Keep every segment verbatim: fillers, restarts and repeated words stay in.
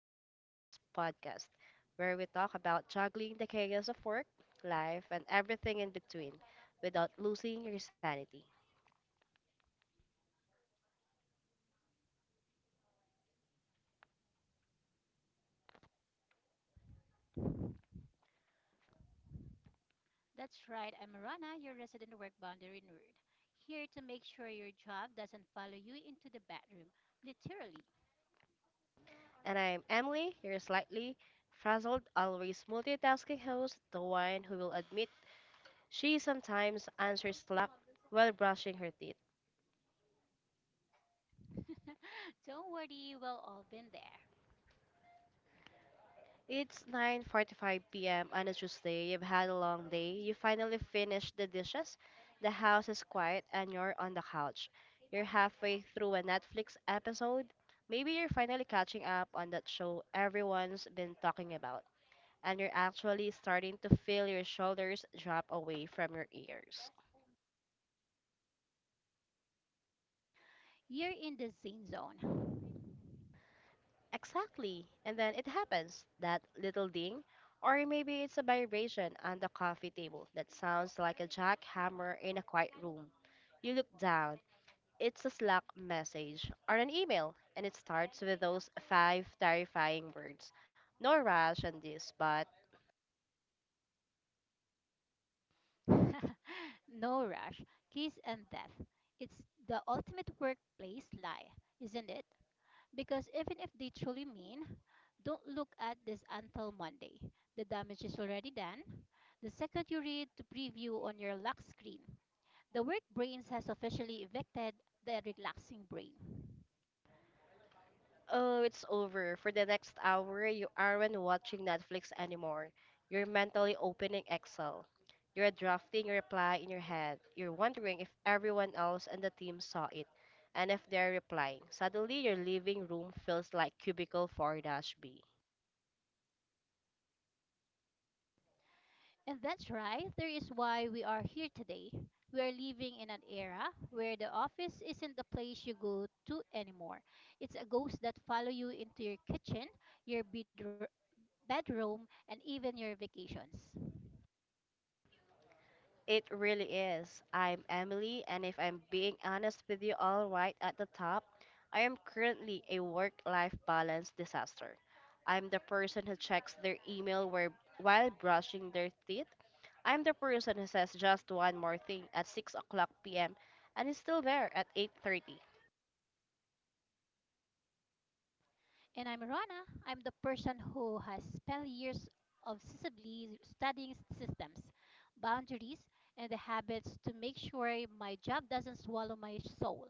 Life Balance podcast, where we talk about juggling the chaos of work, life, and everything in between without losing your sanity. That's right, I'm Rana, your resident work boundary nerd, here to make sure your job doesn't follow you into the bedroom, literally. And I'm Emily, your slightly frazzled, always multitasking host, the one who will admit she sometimes answers Slack while brushing her teeth. Don't worry, we've all been there. It's nine forty-five p m on a Tuesday. You've had a long day. You finally finished the dishes. The house is quiet and you're on the couch. You're halfway through a Netflix episode. Maybe you're finally catching up on that show everyone's been talking about, and you're actually starting to feel your shoulders drop away from your ears. You're in the zane zone. Exactly. And then it happens, that little ding, or maybe it's a vibration on the coffee table that sounds like a jackhammer in a quiet room. You look down, it's a Slack message or an email, and it starts with those five terrifying words. No rush on this, but… No rush, kiss and death. It's the ultimate workplace lie, isn't it? Because even if they truly mean, don't look at this until Monday. The damage is already done. The second you read the preview on your lock screen, the work brains has officially evicted the relaxing brain. Oh, it's over. For the next hour, you aren't watching Netflix anymore. You're mentally opening Excel. You're drafting your reply in your head. You're wondering if everyone else and the team saw it and if they're replying. Suddenly, your living room feels like cubicle four-B. And that's right, there is why we are here today. We are living in an era where the office isn't the place you go to anymore. It's a ghost that follow you into your kitchen, your bedro- bedroom, and even your vacations. It really is. I'm Emily, and if I'm being honest with you all right at the top, I am currently a work life balance disaster. I'm the person who checks their email where, while brushing their teeth. I'm the person who says just one more thing at six o'clock p m and is still there at eight thirty. And I'm Rana. I'm the person who has spent years obsessively studying systems, boundaries, and the habits to make sure my job doesn't swallow my soul.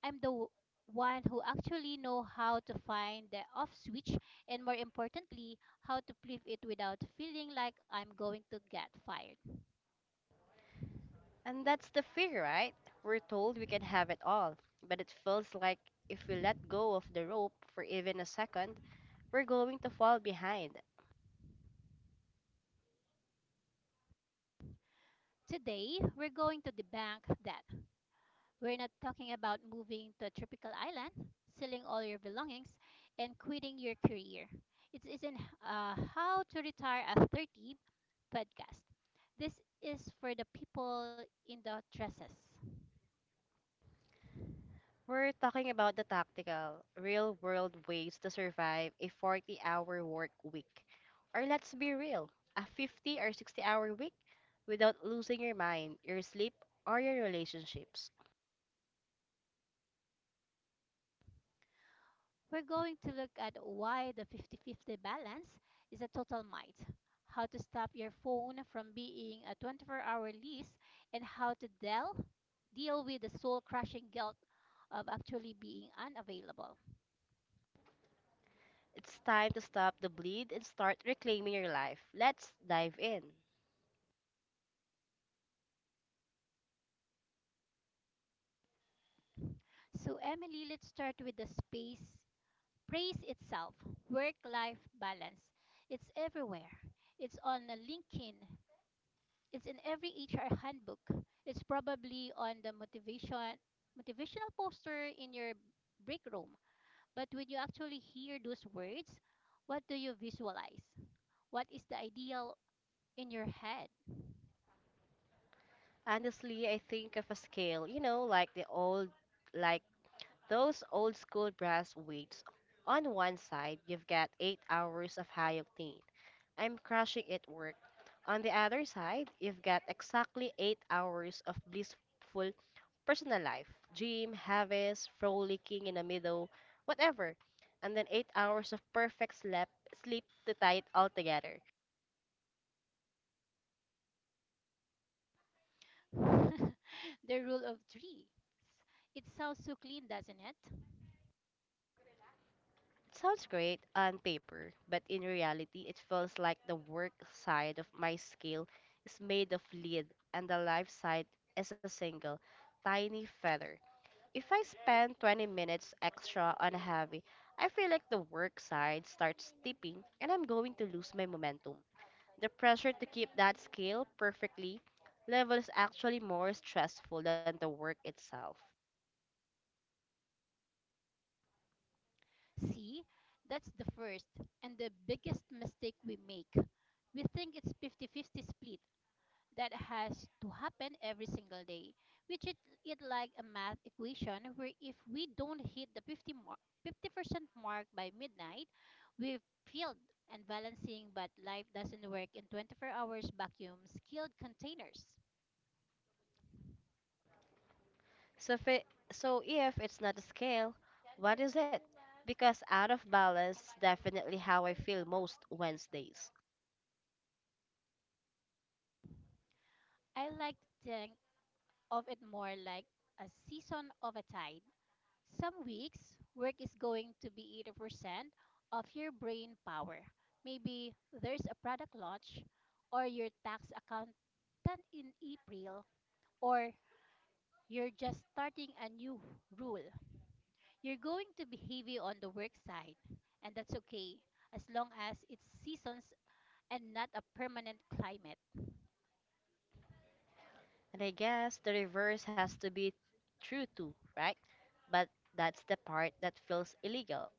I'm the w- one who actually know how to find the off switch, and more importantly, how to flip it without feeling like I'm going to get fired. And that's the fear, right? We're told we can have it all, but it feels like if we let go of the rope for even a second, we're going to fall behind. Today, we're going to debunk that. We're not talking about moving to a tropical island, selling all your belongings, and quitting your career. It isn't uh, how to retire at thirty podcast. This is for the people in the dresses. We're talking about the tactical, real world ways to survive a forty hour work week. Or let's be real, a fifty or sixty hour week without losing your mind, your sleep, or your relationships. We're going to look at why the fifty fifty balance is a total might, how to stop your phone from being a twenty-four hour lease, and how to deal, deal with the soul crushing guilt of actually being unavailable. It's time to stop the bleed and start reclaiming your life. Let's dive in. So, Emily, let's start with the space. Praise itself, work life balance. It's everywhere. It's on LinkedIn, it's in every H R handbook. It's probably on the motivation motivational poster in your break room. But when you actually hear those words, what do you visualize? What is the ideal in your head? Honestly, I think of a scale, you know, like the old, like those old school brass weights. On one side, you've got eight hours of high octane, I'm crushing it work. On the other side, you've got exactly eight hours of blissful personal life. Gym, harvest, frolicking in the middle, whatever. And then eight hours of perfect slap, sleep to tie it all together. The rule of three. It sounds so clean, doesn't it? It sounds great on paper, but in reality, it feels like the work side of my scale is made of lead and the life side is a single, tiny feather. If I spend twenty minutes extra on a heavy, I feel like the work side starts tipping and I'm going to lose my momentum. The pressure to keep that scale perfectly level is actually more stressful than the work itself. See, that's the first and the biggest mistake we make. We think it's fifty-fifty split that has to happen every single day, which treat it like a math equation where if we don't hit the fifty mark, fifty percent mark by midnight, we've failed and balancing, but life doesn't work in twenty-four hours vacuum skilled containers. So if, it, so if it's not a scale, what is it? Because out of balance is definitely how I feel most Wednesdays. I like to think of it more like a season of a tide. Some weeks, work is going to be eighty percent of your brain power. Maybe there's a product launch, or your tax accountant in April, or you're just starting a new rule. You're going to be heavy on the work side, and that's okay as long as it's seasons and not a permanent climate. And I guess the reverse has to be true too, right? But that's the part that feels illegal.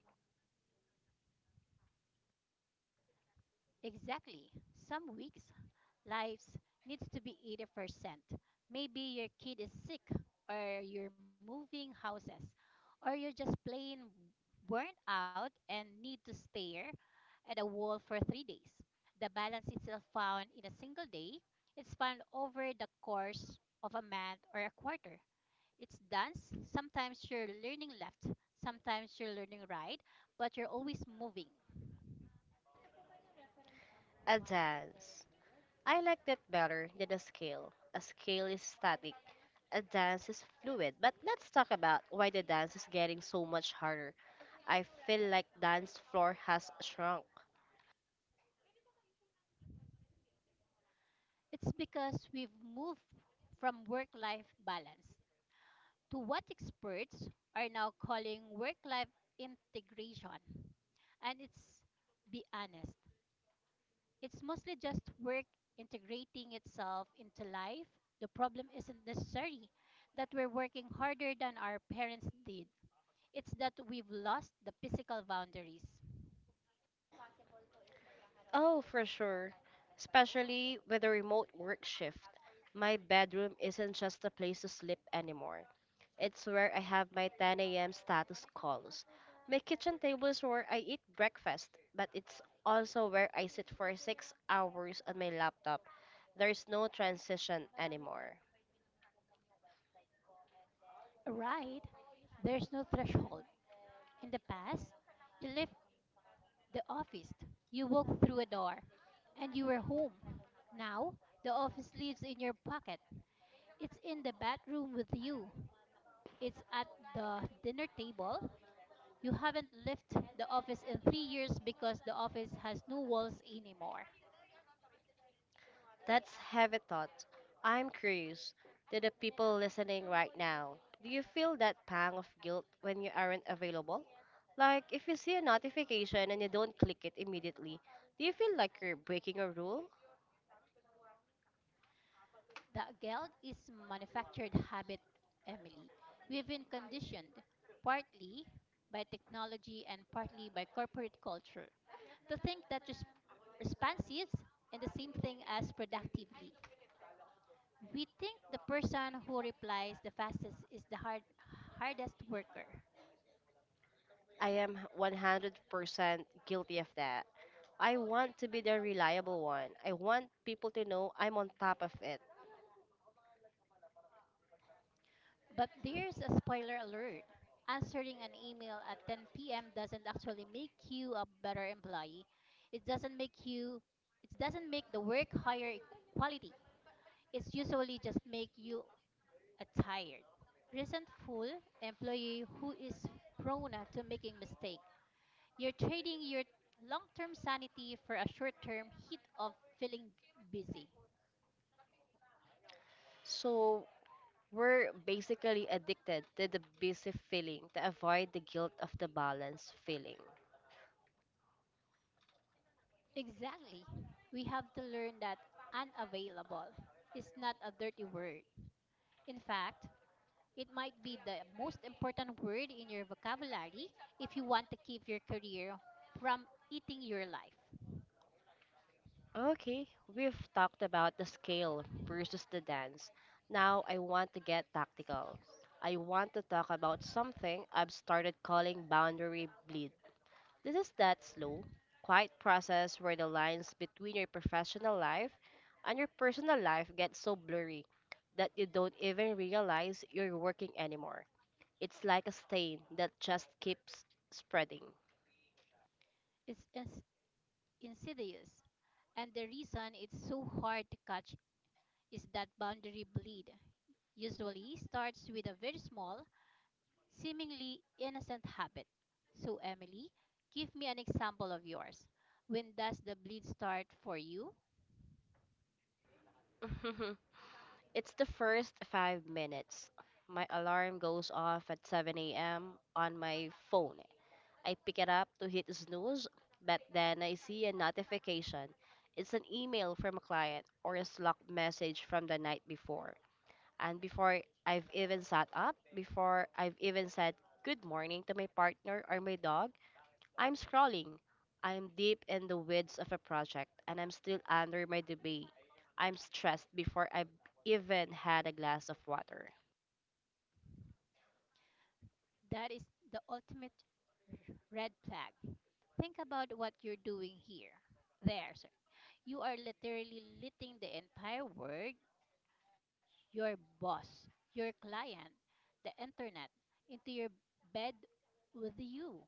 Exactly. Some weeks lives needs to be eighty percent. Maybe your kid is sick, or you're moving houses, or you're just plain burnt out and need to stare at a wall for three days. The balance isn't found in a single day, it's found over the course of a month or a quarter. It's dance. Sometimes you're learning left, sometimes you're learning right, but you're always moving. A dance. I like that better than a scale. A scale is static. A dance is fluid. But let's talk about why the dance is getting so much harder. I feel like dance floor has shrunk. It's because we've moved from work life balance to what experts are now calling work life integration. And it's be honest, it's mostly just work integrating itself into life. The problem isn't necessarily that we're working harder than our parents did, it's that we've lost the physical boundaries. Oh, for sure. Especially with a remote work shift. My bedroom isn't just a place to sleep anymore. It's where I have my ten a m status calls. My kitchen table is where I eat breakfast, but it's also where I sit for six hours on my laptop. There's no transition anymore. Right? There's no threshold. In the past, you left the office, you walked through a door, and you were home. Now, the office lives in your pocket. It's in the bedroom with you. It's at the dinner table. You haven't left the office in three years because the office has no walls anymore. That's heavy thought. I'm curious, to the people listening right now, do you feel that pang of guilt when you aren't available? Like, if you see a notification and you don't click it immediately, do you feel like you're breaking a rule? The guilt is manufactured habit, Emily. We've been conditioned, partly by technology and partly by corporate culture, to think that res- response is the same thing as productively. We think the person who replies the fastest is the hard, hardest worker. I am one hundred percent guilty of that. I want to be the reliable one. I want people to know I'm on top of it. But there's a spoiler alert. Answering an email at ten p m doesn't actually make you a better employee. It doesn't make you it doesn't make the work higher e- quality. It's usually just make you a tired, resentful employee who is prone to making mistake. You're trading your long-term sanity for a short-term hit of feeling busy. So, we're basically addicted to the busy feeling to avoid the guilt of the balance feeling. Exactly. We have to learn that unavailable is not a dirty word. In fact, it might be the most important word in your vocabulary if you want to keep your career from eating your life. Okay, we've talked about the scale versus the dance. Now I want to get tactical. I want to talk about something I've started calling boundary bleed. This is that slow, quiet process where the lines between your professional life and your personal life get so blurry that you don't even realize you're working anymore. It's like a stain that just keeps spreading. It's ins- insidious, and the reason it's so hard to catch is that boundary bleed usually starts with a very small, seemingly innocent habit. So, Emily, give me an example of yours. When does the bleed start for you? It's the first five minutes. My alarm goes off at seven a m on my phone. I pick it up to hit snooze, but then I see a notification. It's an email from a client or a Slack message from the night before. And before I've even sat up, before I've even said good morning to my partner or my dog, I'm scrolling. I'm deep in the weeds of a project and I'm still under my debate. I'm stressed before I've even had a glass of water. That is the ultimate red flag. Think about what you're doing here. There, sir. You are literally letting the entire world, your boss, your client, the internet, into your bed with you.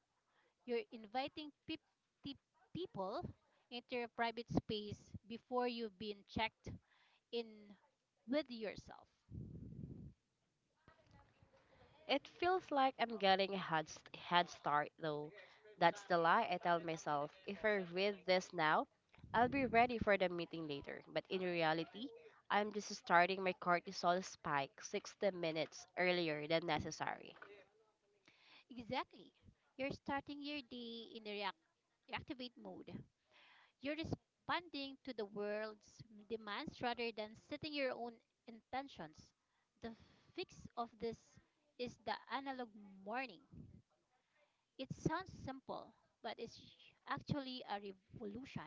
You're inviting fifty people into your private space before you've been checked in with yourself. It feels like I'm getting a head, st- head start though. That's the lie I tell myself. If I read this now, I'll be ready for the meeting later. But in reality, I'm just starting my cortisol spike sixty minutes earlier than necessary. Exactly. You're starting your day in the react- reactivate mode. You're responding to the world's demands rather than setting your own intentions. The fix of this is the analog morning. It sounds simple, but it's actually a revolution.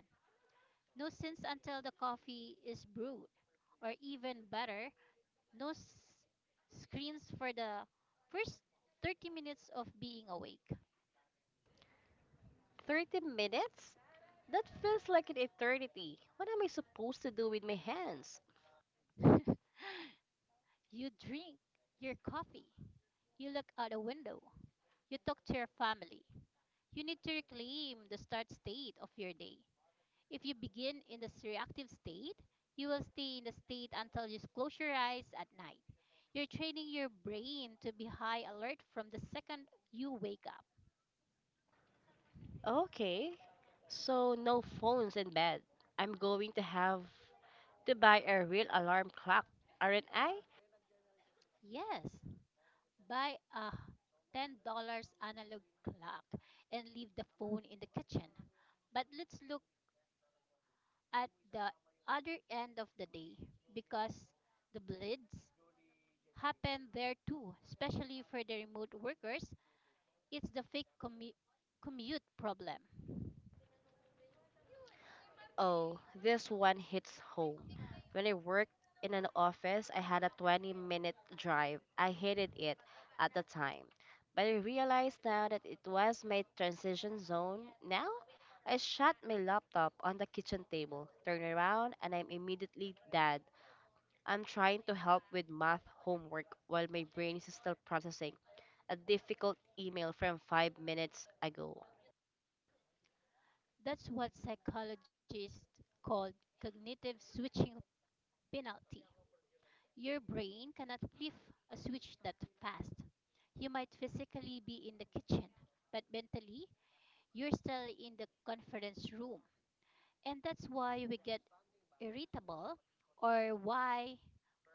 No sense until the coffee is brewed, or even better, no s- screens for the first thirty minutes of being awake. thirty minutes? That feels like an eternity. What am I supposed to do with my hands? You drink your coffee, you look out a window, you talk to your family. You need to reclaim the start state of your day. If you begin in this reactive state, you will stay in the state until you close your eyes at night. You're training your brain to be high alert from the second you wake up. Okay, so no phones in bed. I'm going to have to buy a real alarm clock, aren't I? Yes, buy a ten dollar analog clock and leave the phone in the kitchen. But let's look at the other end of the day because the blitz happen there too, especially for the remote workers. It's the fake commu- commute problem. Oh, this one hits home. When I worked in an office, I had a twenty minute drive. I hated it at the time. But I realized now that it was my transition zone. Now, I shut my laptop on the kitchen table, turn around, and I'm immediately dead. I'm trying to help with math homework while my brain is still processing a difficult email from five minutes ago. That's what psychologists call cognitive switching penalty. Your brain cannot flip a switch that fast. You might physically be in the kitchen, but mentally, you're still in the conference room. And that's why we get irritable, or why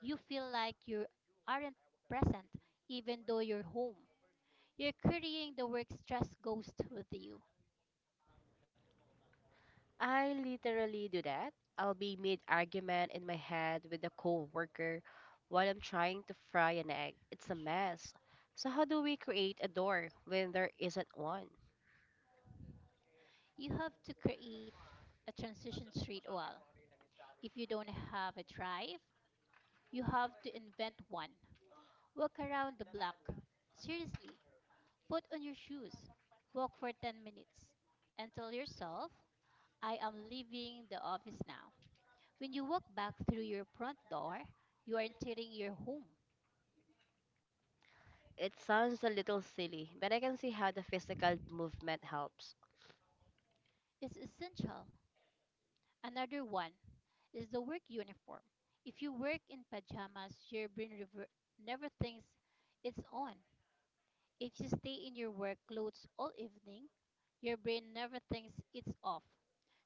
you feel like you aren't present even though you're home. You're carrying the work stress ghost with you. I literally do that. I'll be mid argument in my head with a coworker while I'm trying to fry an egg. It's a mess. So how do we create a door when there isn't one? You have to create a transition streetwall. If you don't have a drive, you have to invent one. Walk around the block. Seriously, put on your shoes. Walk for ten minutes and tell yourself, I am leaving the office now. When you walk back through your front door, you are entering your home. It sounds a little silly, but I can see how the physical movement helps. It's essential. Another one is the work uniform. If you work in pajamas, your brain rever- never thinks it's on. If you stay in your work clothes all evening, your brain never thinks it's off.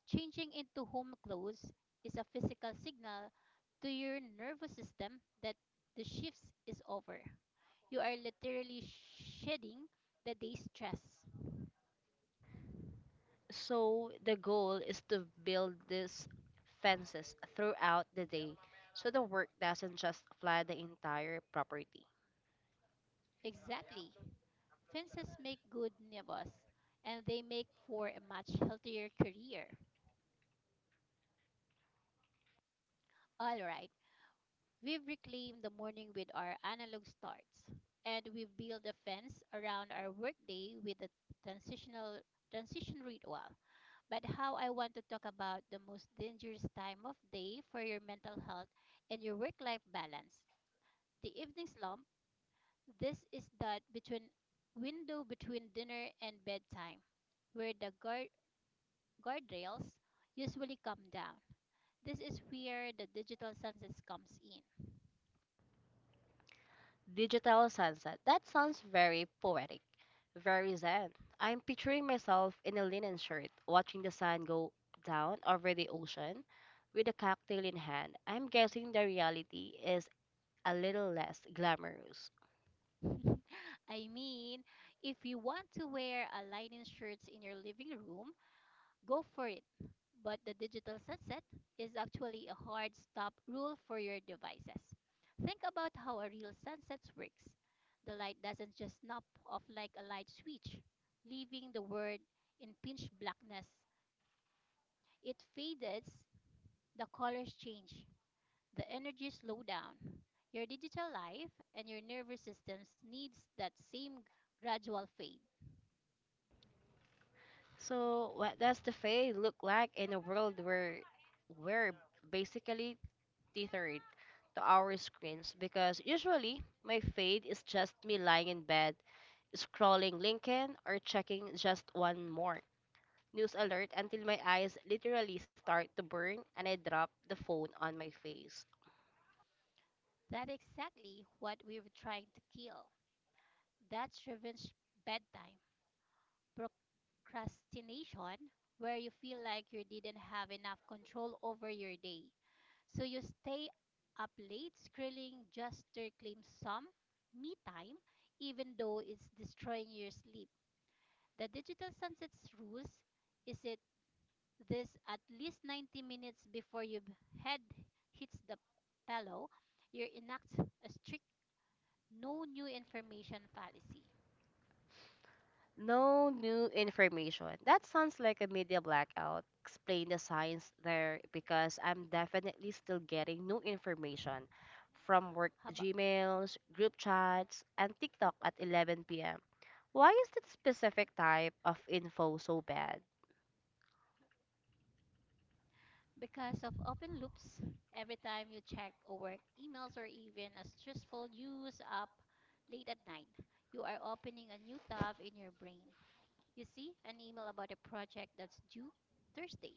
Changing into home clothes is a physical signal to your nervous system that the shift is over. You are literally shedding the day's stress. So the goal is to build these fences throughout the day so the work doesn't just flood the entire property. Exactly. Fences make good neighbors, and they make for a much healthier career. All right. We've reclaimed the morning with our analog starts, and we've built a fence around our workday with a transitional transition ritual. But how I want to talk about the most dangerous time of day for your mental health and your work-life balance, the evening slump. This is that between window between dinner and bedtime, where the guard guardrails usually come down. This is where the digital sunset comes in. Digital sunset. That sounds very poetic, very zen. I'm picturing myself in a linen shirt, watching the sun go down over the ocean with a cocktail in hand. I'm guessing the reality is a little less glamorous. I mean, if you want to wear a lining shirt in your living room, go for it. But the digital sunset is actually a hard stop rule for your devices. Think about how a real sunset works. The light doesn't just snap off like a light switch, leaving the world in pitch blackness. It fades, the colors change, the energy slowdown. Your digital life and your nervous systems needs that same gradual fade. So, what does the fae look like in a world where we're basically tethered to our screens? Because usually my fade is just me lying in bed, scrolling LinkedIn or checking just one more news alert until my eyes literally start to burn and I drop the phone on my face. That's exactly what we were trying to kill. That's revenge bedtime. Procrastination, where you feel like you didn't have enough control over your day. So you stay up late scrolling just to claim some me time, even though it's destroying your sleep. The digital sunsets rules is it this at least ninety minutes before your head hits the pillow, you enact a strict no new information policy. No new information. That sounds like a media blackout. Explain the science there, because I'm definitely still getting new information from work How about Gmails, group chats, and TikTok at eleven p m. Why is that specific type of info so bad? because of open loops, every time you check or work emails or even a stressful news up late at night, you are opening a new tab in your brain. You see an email about a project that's due Thursday.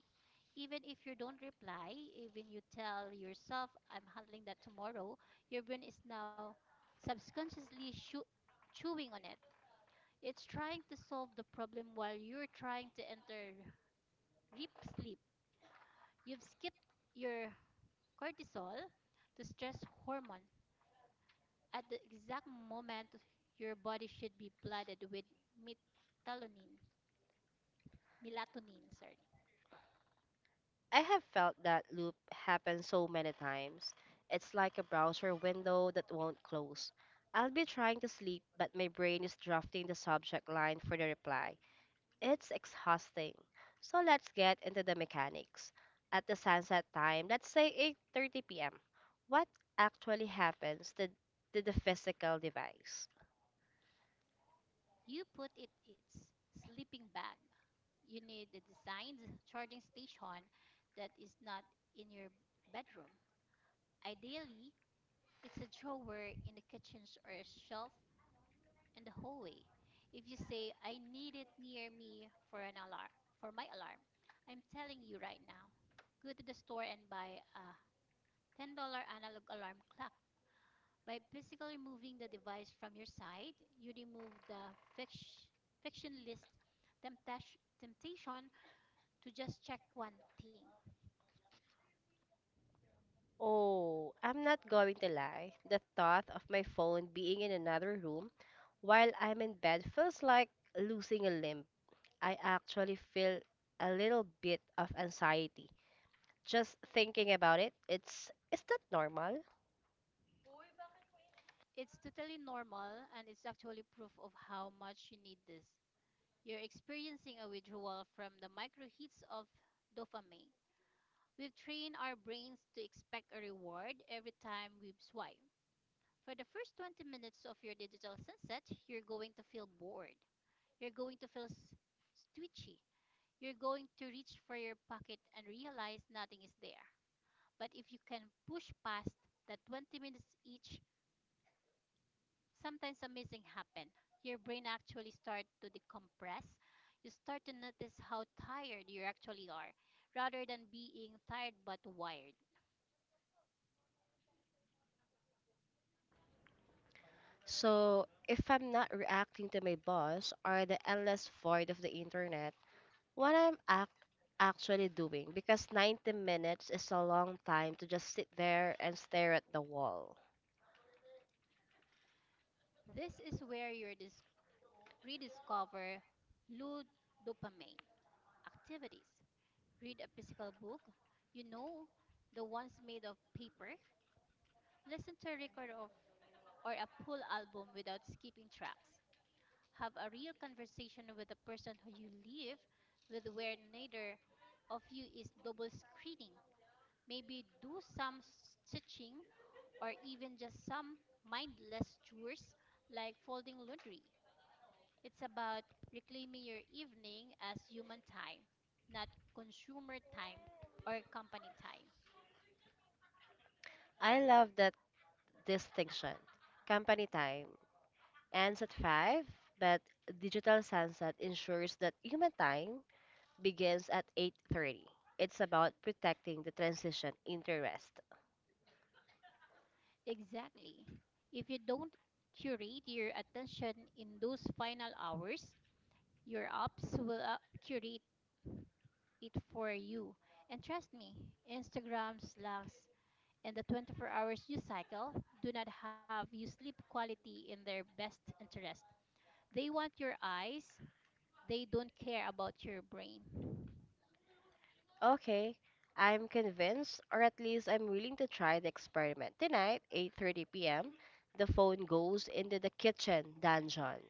Even if you don't reply, even you tell yourself, I'm handling that tomorrow, your brain is now subconsciously shoo- chewing on it. It's trying to solve the problem while you're trying to enter R E P sleep. You've skipped your cortisol, the stress hormone, at the exact moment your body should be flooded with melatonin. Melatonin, sorry. I have felt that loop happen so many times. It's like a browser window that won't close. I'll be trying to sleep, but my brain is drafting the subject line for the reply. It's exhausting. So let's get into the mechanics. At the sunset time, let's say eight thirty p m. What actually happens to, to the physical device? You put it its sleeping bag. You need a designed charging station that is not in your bedroom. Ideally, it's a drawer in the kitchen or a shelf in the hallway. If you say I need it near me for an alarm for my alarm, I'm telling you right now. Go to the store and buy a ten dollar analog alarm clock. By physically removing the device from your side, you remove the fiction, fiction list Oh, I'm not going to lie. The thought of my phone being in another room while I'm in bed feels like losing a limb. I actually feel a little bit of anxiety just thinking about it. It's is that normal? So, if I'm not reacting to my boss or the endless void of the internet, what I'm ac- actually doing because ninety minutes is a long time to just sit there and stare at the wall. I love that distinction, company time ends at five, but digital sunset ensures that human time begins at eight thirty. It's about protecting the transition into rest. Okay, I'm convinced, or at least I'm willing to try the experiment. Tonight, eight thirty p m, the phone goes into the kitchen dungeon.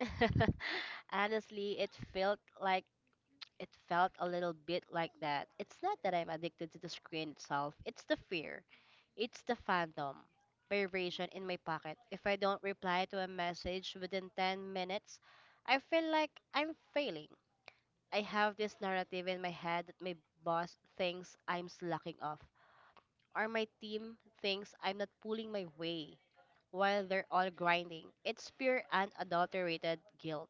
Honestly, it felt like, it felt a little bit like that. It's not that I'm addicted to the screen itself, it's the fear. It's the fandom. Vibration in my pocket. If I don't reply to a message within ten minutes, I feel like I'm failing. I have this narrative in my head that my boss thinks I'm slacking off, or my team thinks I'm not pulling my way while they're all grinding. It's pure unadulterated guilt.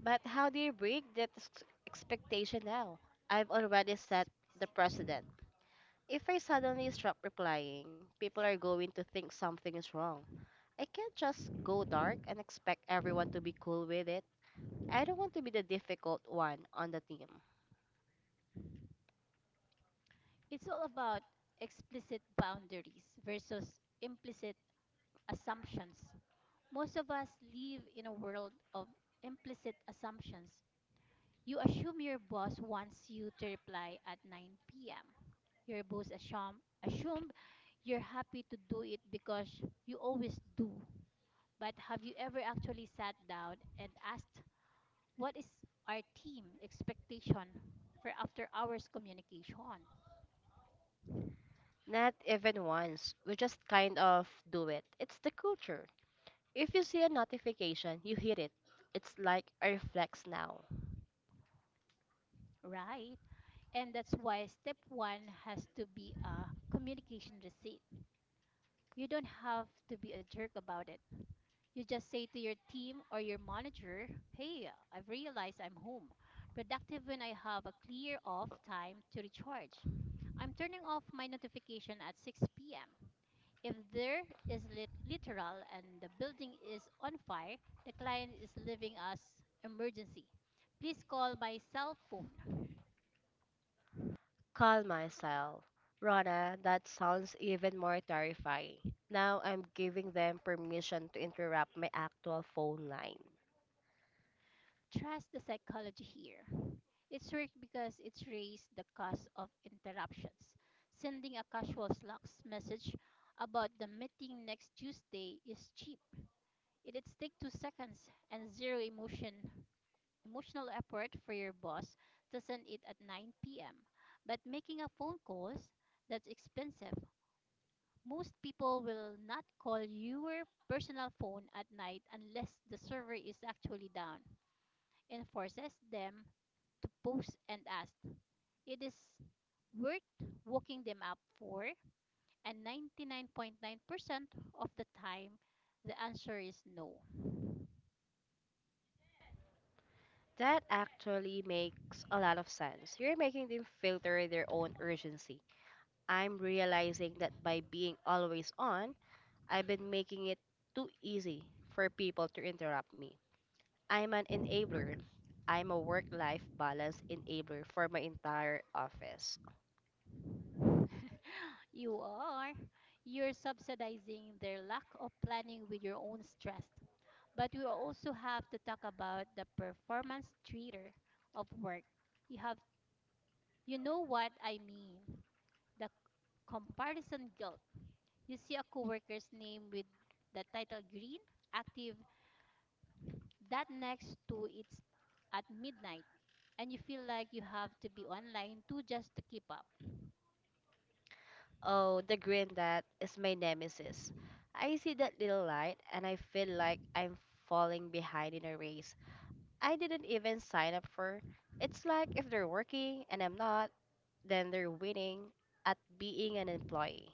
But how do you break that ex- expectation now? I've already set the precedent. If I suddenly stop replying, people are going to think something is wrong. I can't just go dark and expect everyone to be cool with it. I don't want to be the difficult one on the team. Not even once. We just kind of do it. It's the culture. If you see a notification, you hit it. It's like a reflex now. Call myself. Rana, that sounds even more terrifying. Now I'm giving them permission to interrupt my actual phone line. That actually makes a lot of sense. You're making them filter their own urgency. I'm realizing that by being always on, I've been making it too easy for people to interrupt me. I'm an enabler. I'm a work life balance enabler for my entire office. Oh, the green that is my nemesis. I see that little light and I feel like I'm falling behind in a race I didn't even sign up for. It's like if they're working and I'm not, then they're winning at being an employee.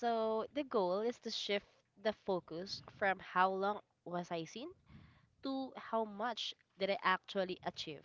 So the goal is to shift the focus from how long was I seen to how much did I actually achieve.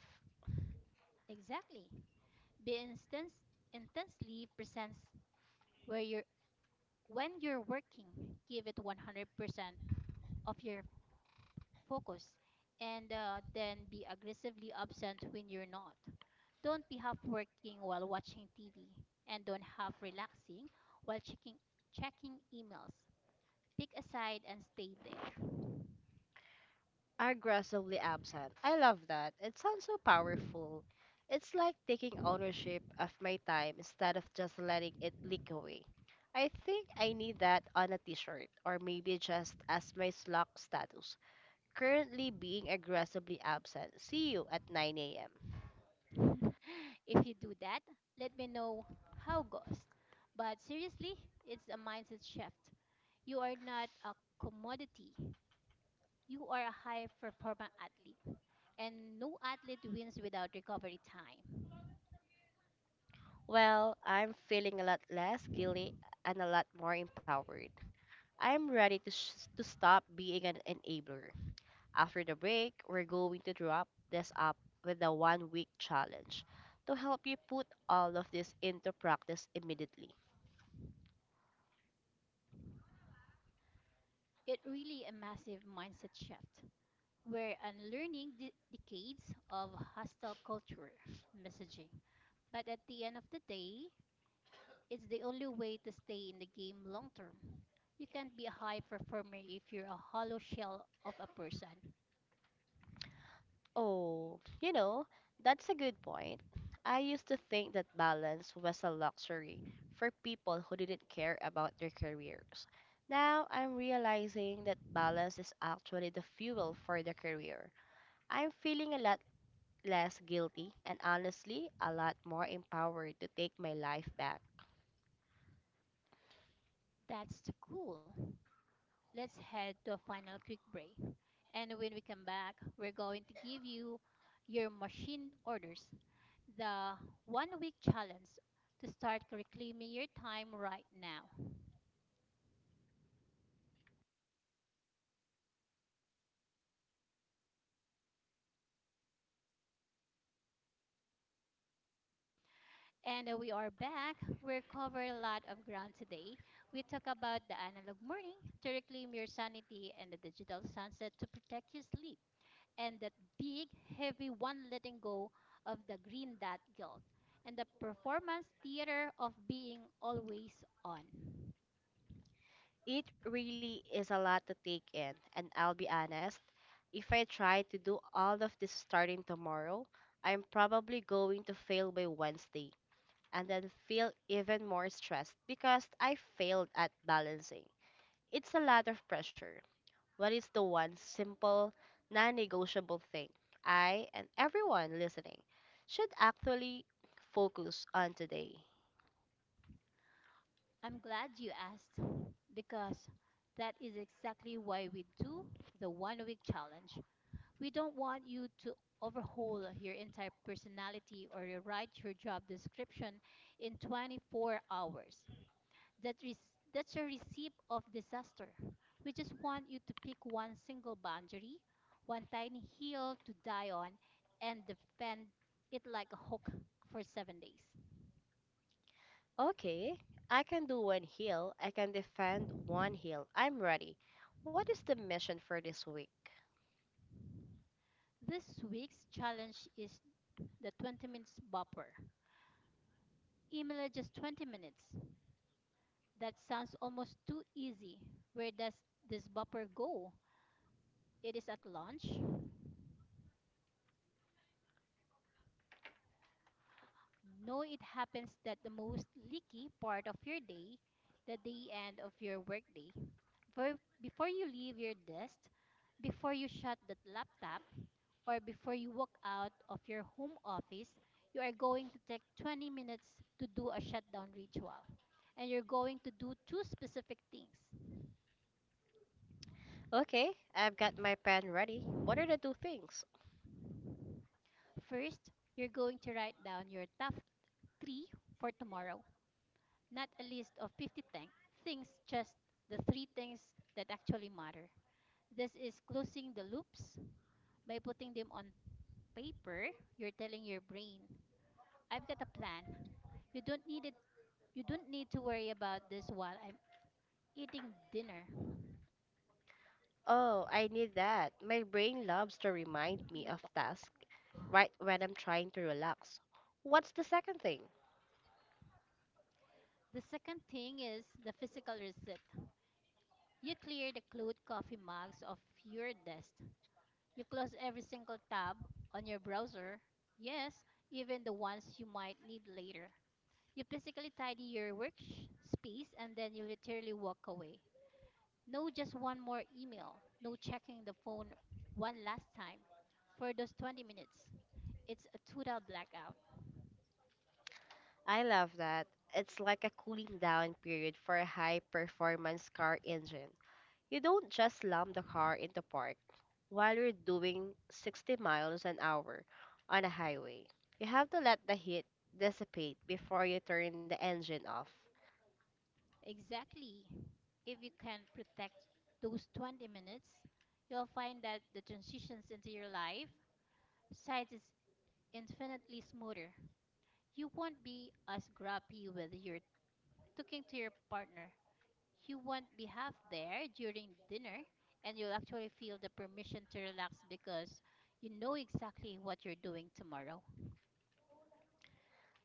Aggressively absent. I love that. It sounds so powerful. It's like taking ownership of my time instead of just letting it leak away. I think I need that on a t-shirt or maybe just as my Slack status. Currently being aggressively absent. See you at nine a m. Well, I'm feeling a lot less guilty and a lot more empowered. I'm ready to, sh- to stop being an enabler. After the break, we're going to wrap this up with a one week challenge to help you put all of this into practice immediately. Oh, you know, that's a good point. I used to think that balance was a luxury for people who didn't care about their careers. Now I'm realizing that balance is actually the fuel for the career. I'm feeling a lot less guilty and honestly a lot more empowered to take my life back. It really is a lot to take in, and I'll be honest, if I try to do all of this starting tomorrow, I'm probably going to fail by Wednesday and then feel even more stressed because I failed at balancing. It's a lot of pressure. What is the one simple, non negotiable thing I and everyone listening should actually focus on today? Okay, I can do one heal. I can defend one heal. I'm ready. What is the mission for this week? Okay, I've got my pen ready. What are the two things? Oh, I need that. My brain loves to remind me of tasks right when I'm trying to relax. What's the second thing? I love that. It's like a cooling down period for a high performance car engine. You don't just slam the car into park while you're doing sixty miles an hour on a highway. You have to let the heat dissipate before you turn the engine off.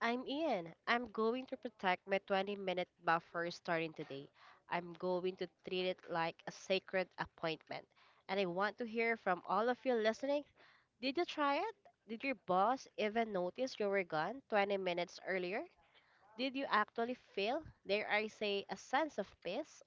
I'm Ian. I'm going to protect my twenty minute buffer starting today. I'm going to treat it like a sacred appointment. And I want to hear from all of you listening. Did you try it? Did your boss even notice you were gone twenty minutes earlier? Did you actually feel, there I say, a sense of peace?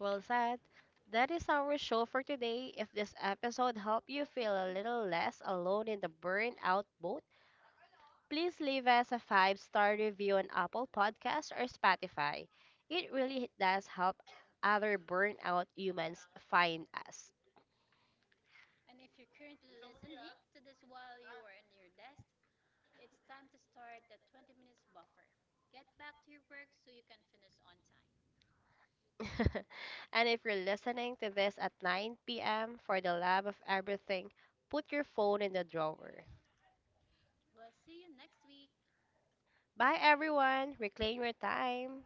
Well said. That is our show for today. If this episode helped you feel a little less alone in the burnout boat, please leave us a five star review on Apple Podcasts or Spotify. It really does help other burnout humans find us. And if you're listening to this at nine p m, for the love of everything, put your phone in the drawer. Bye, everyone. Reclaim your time.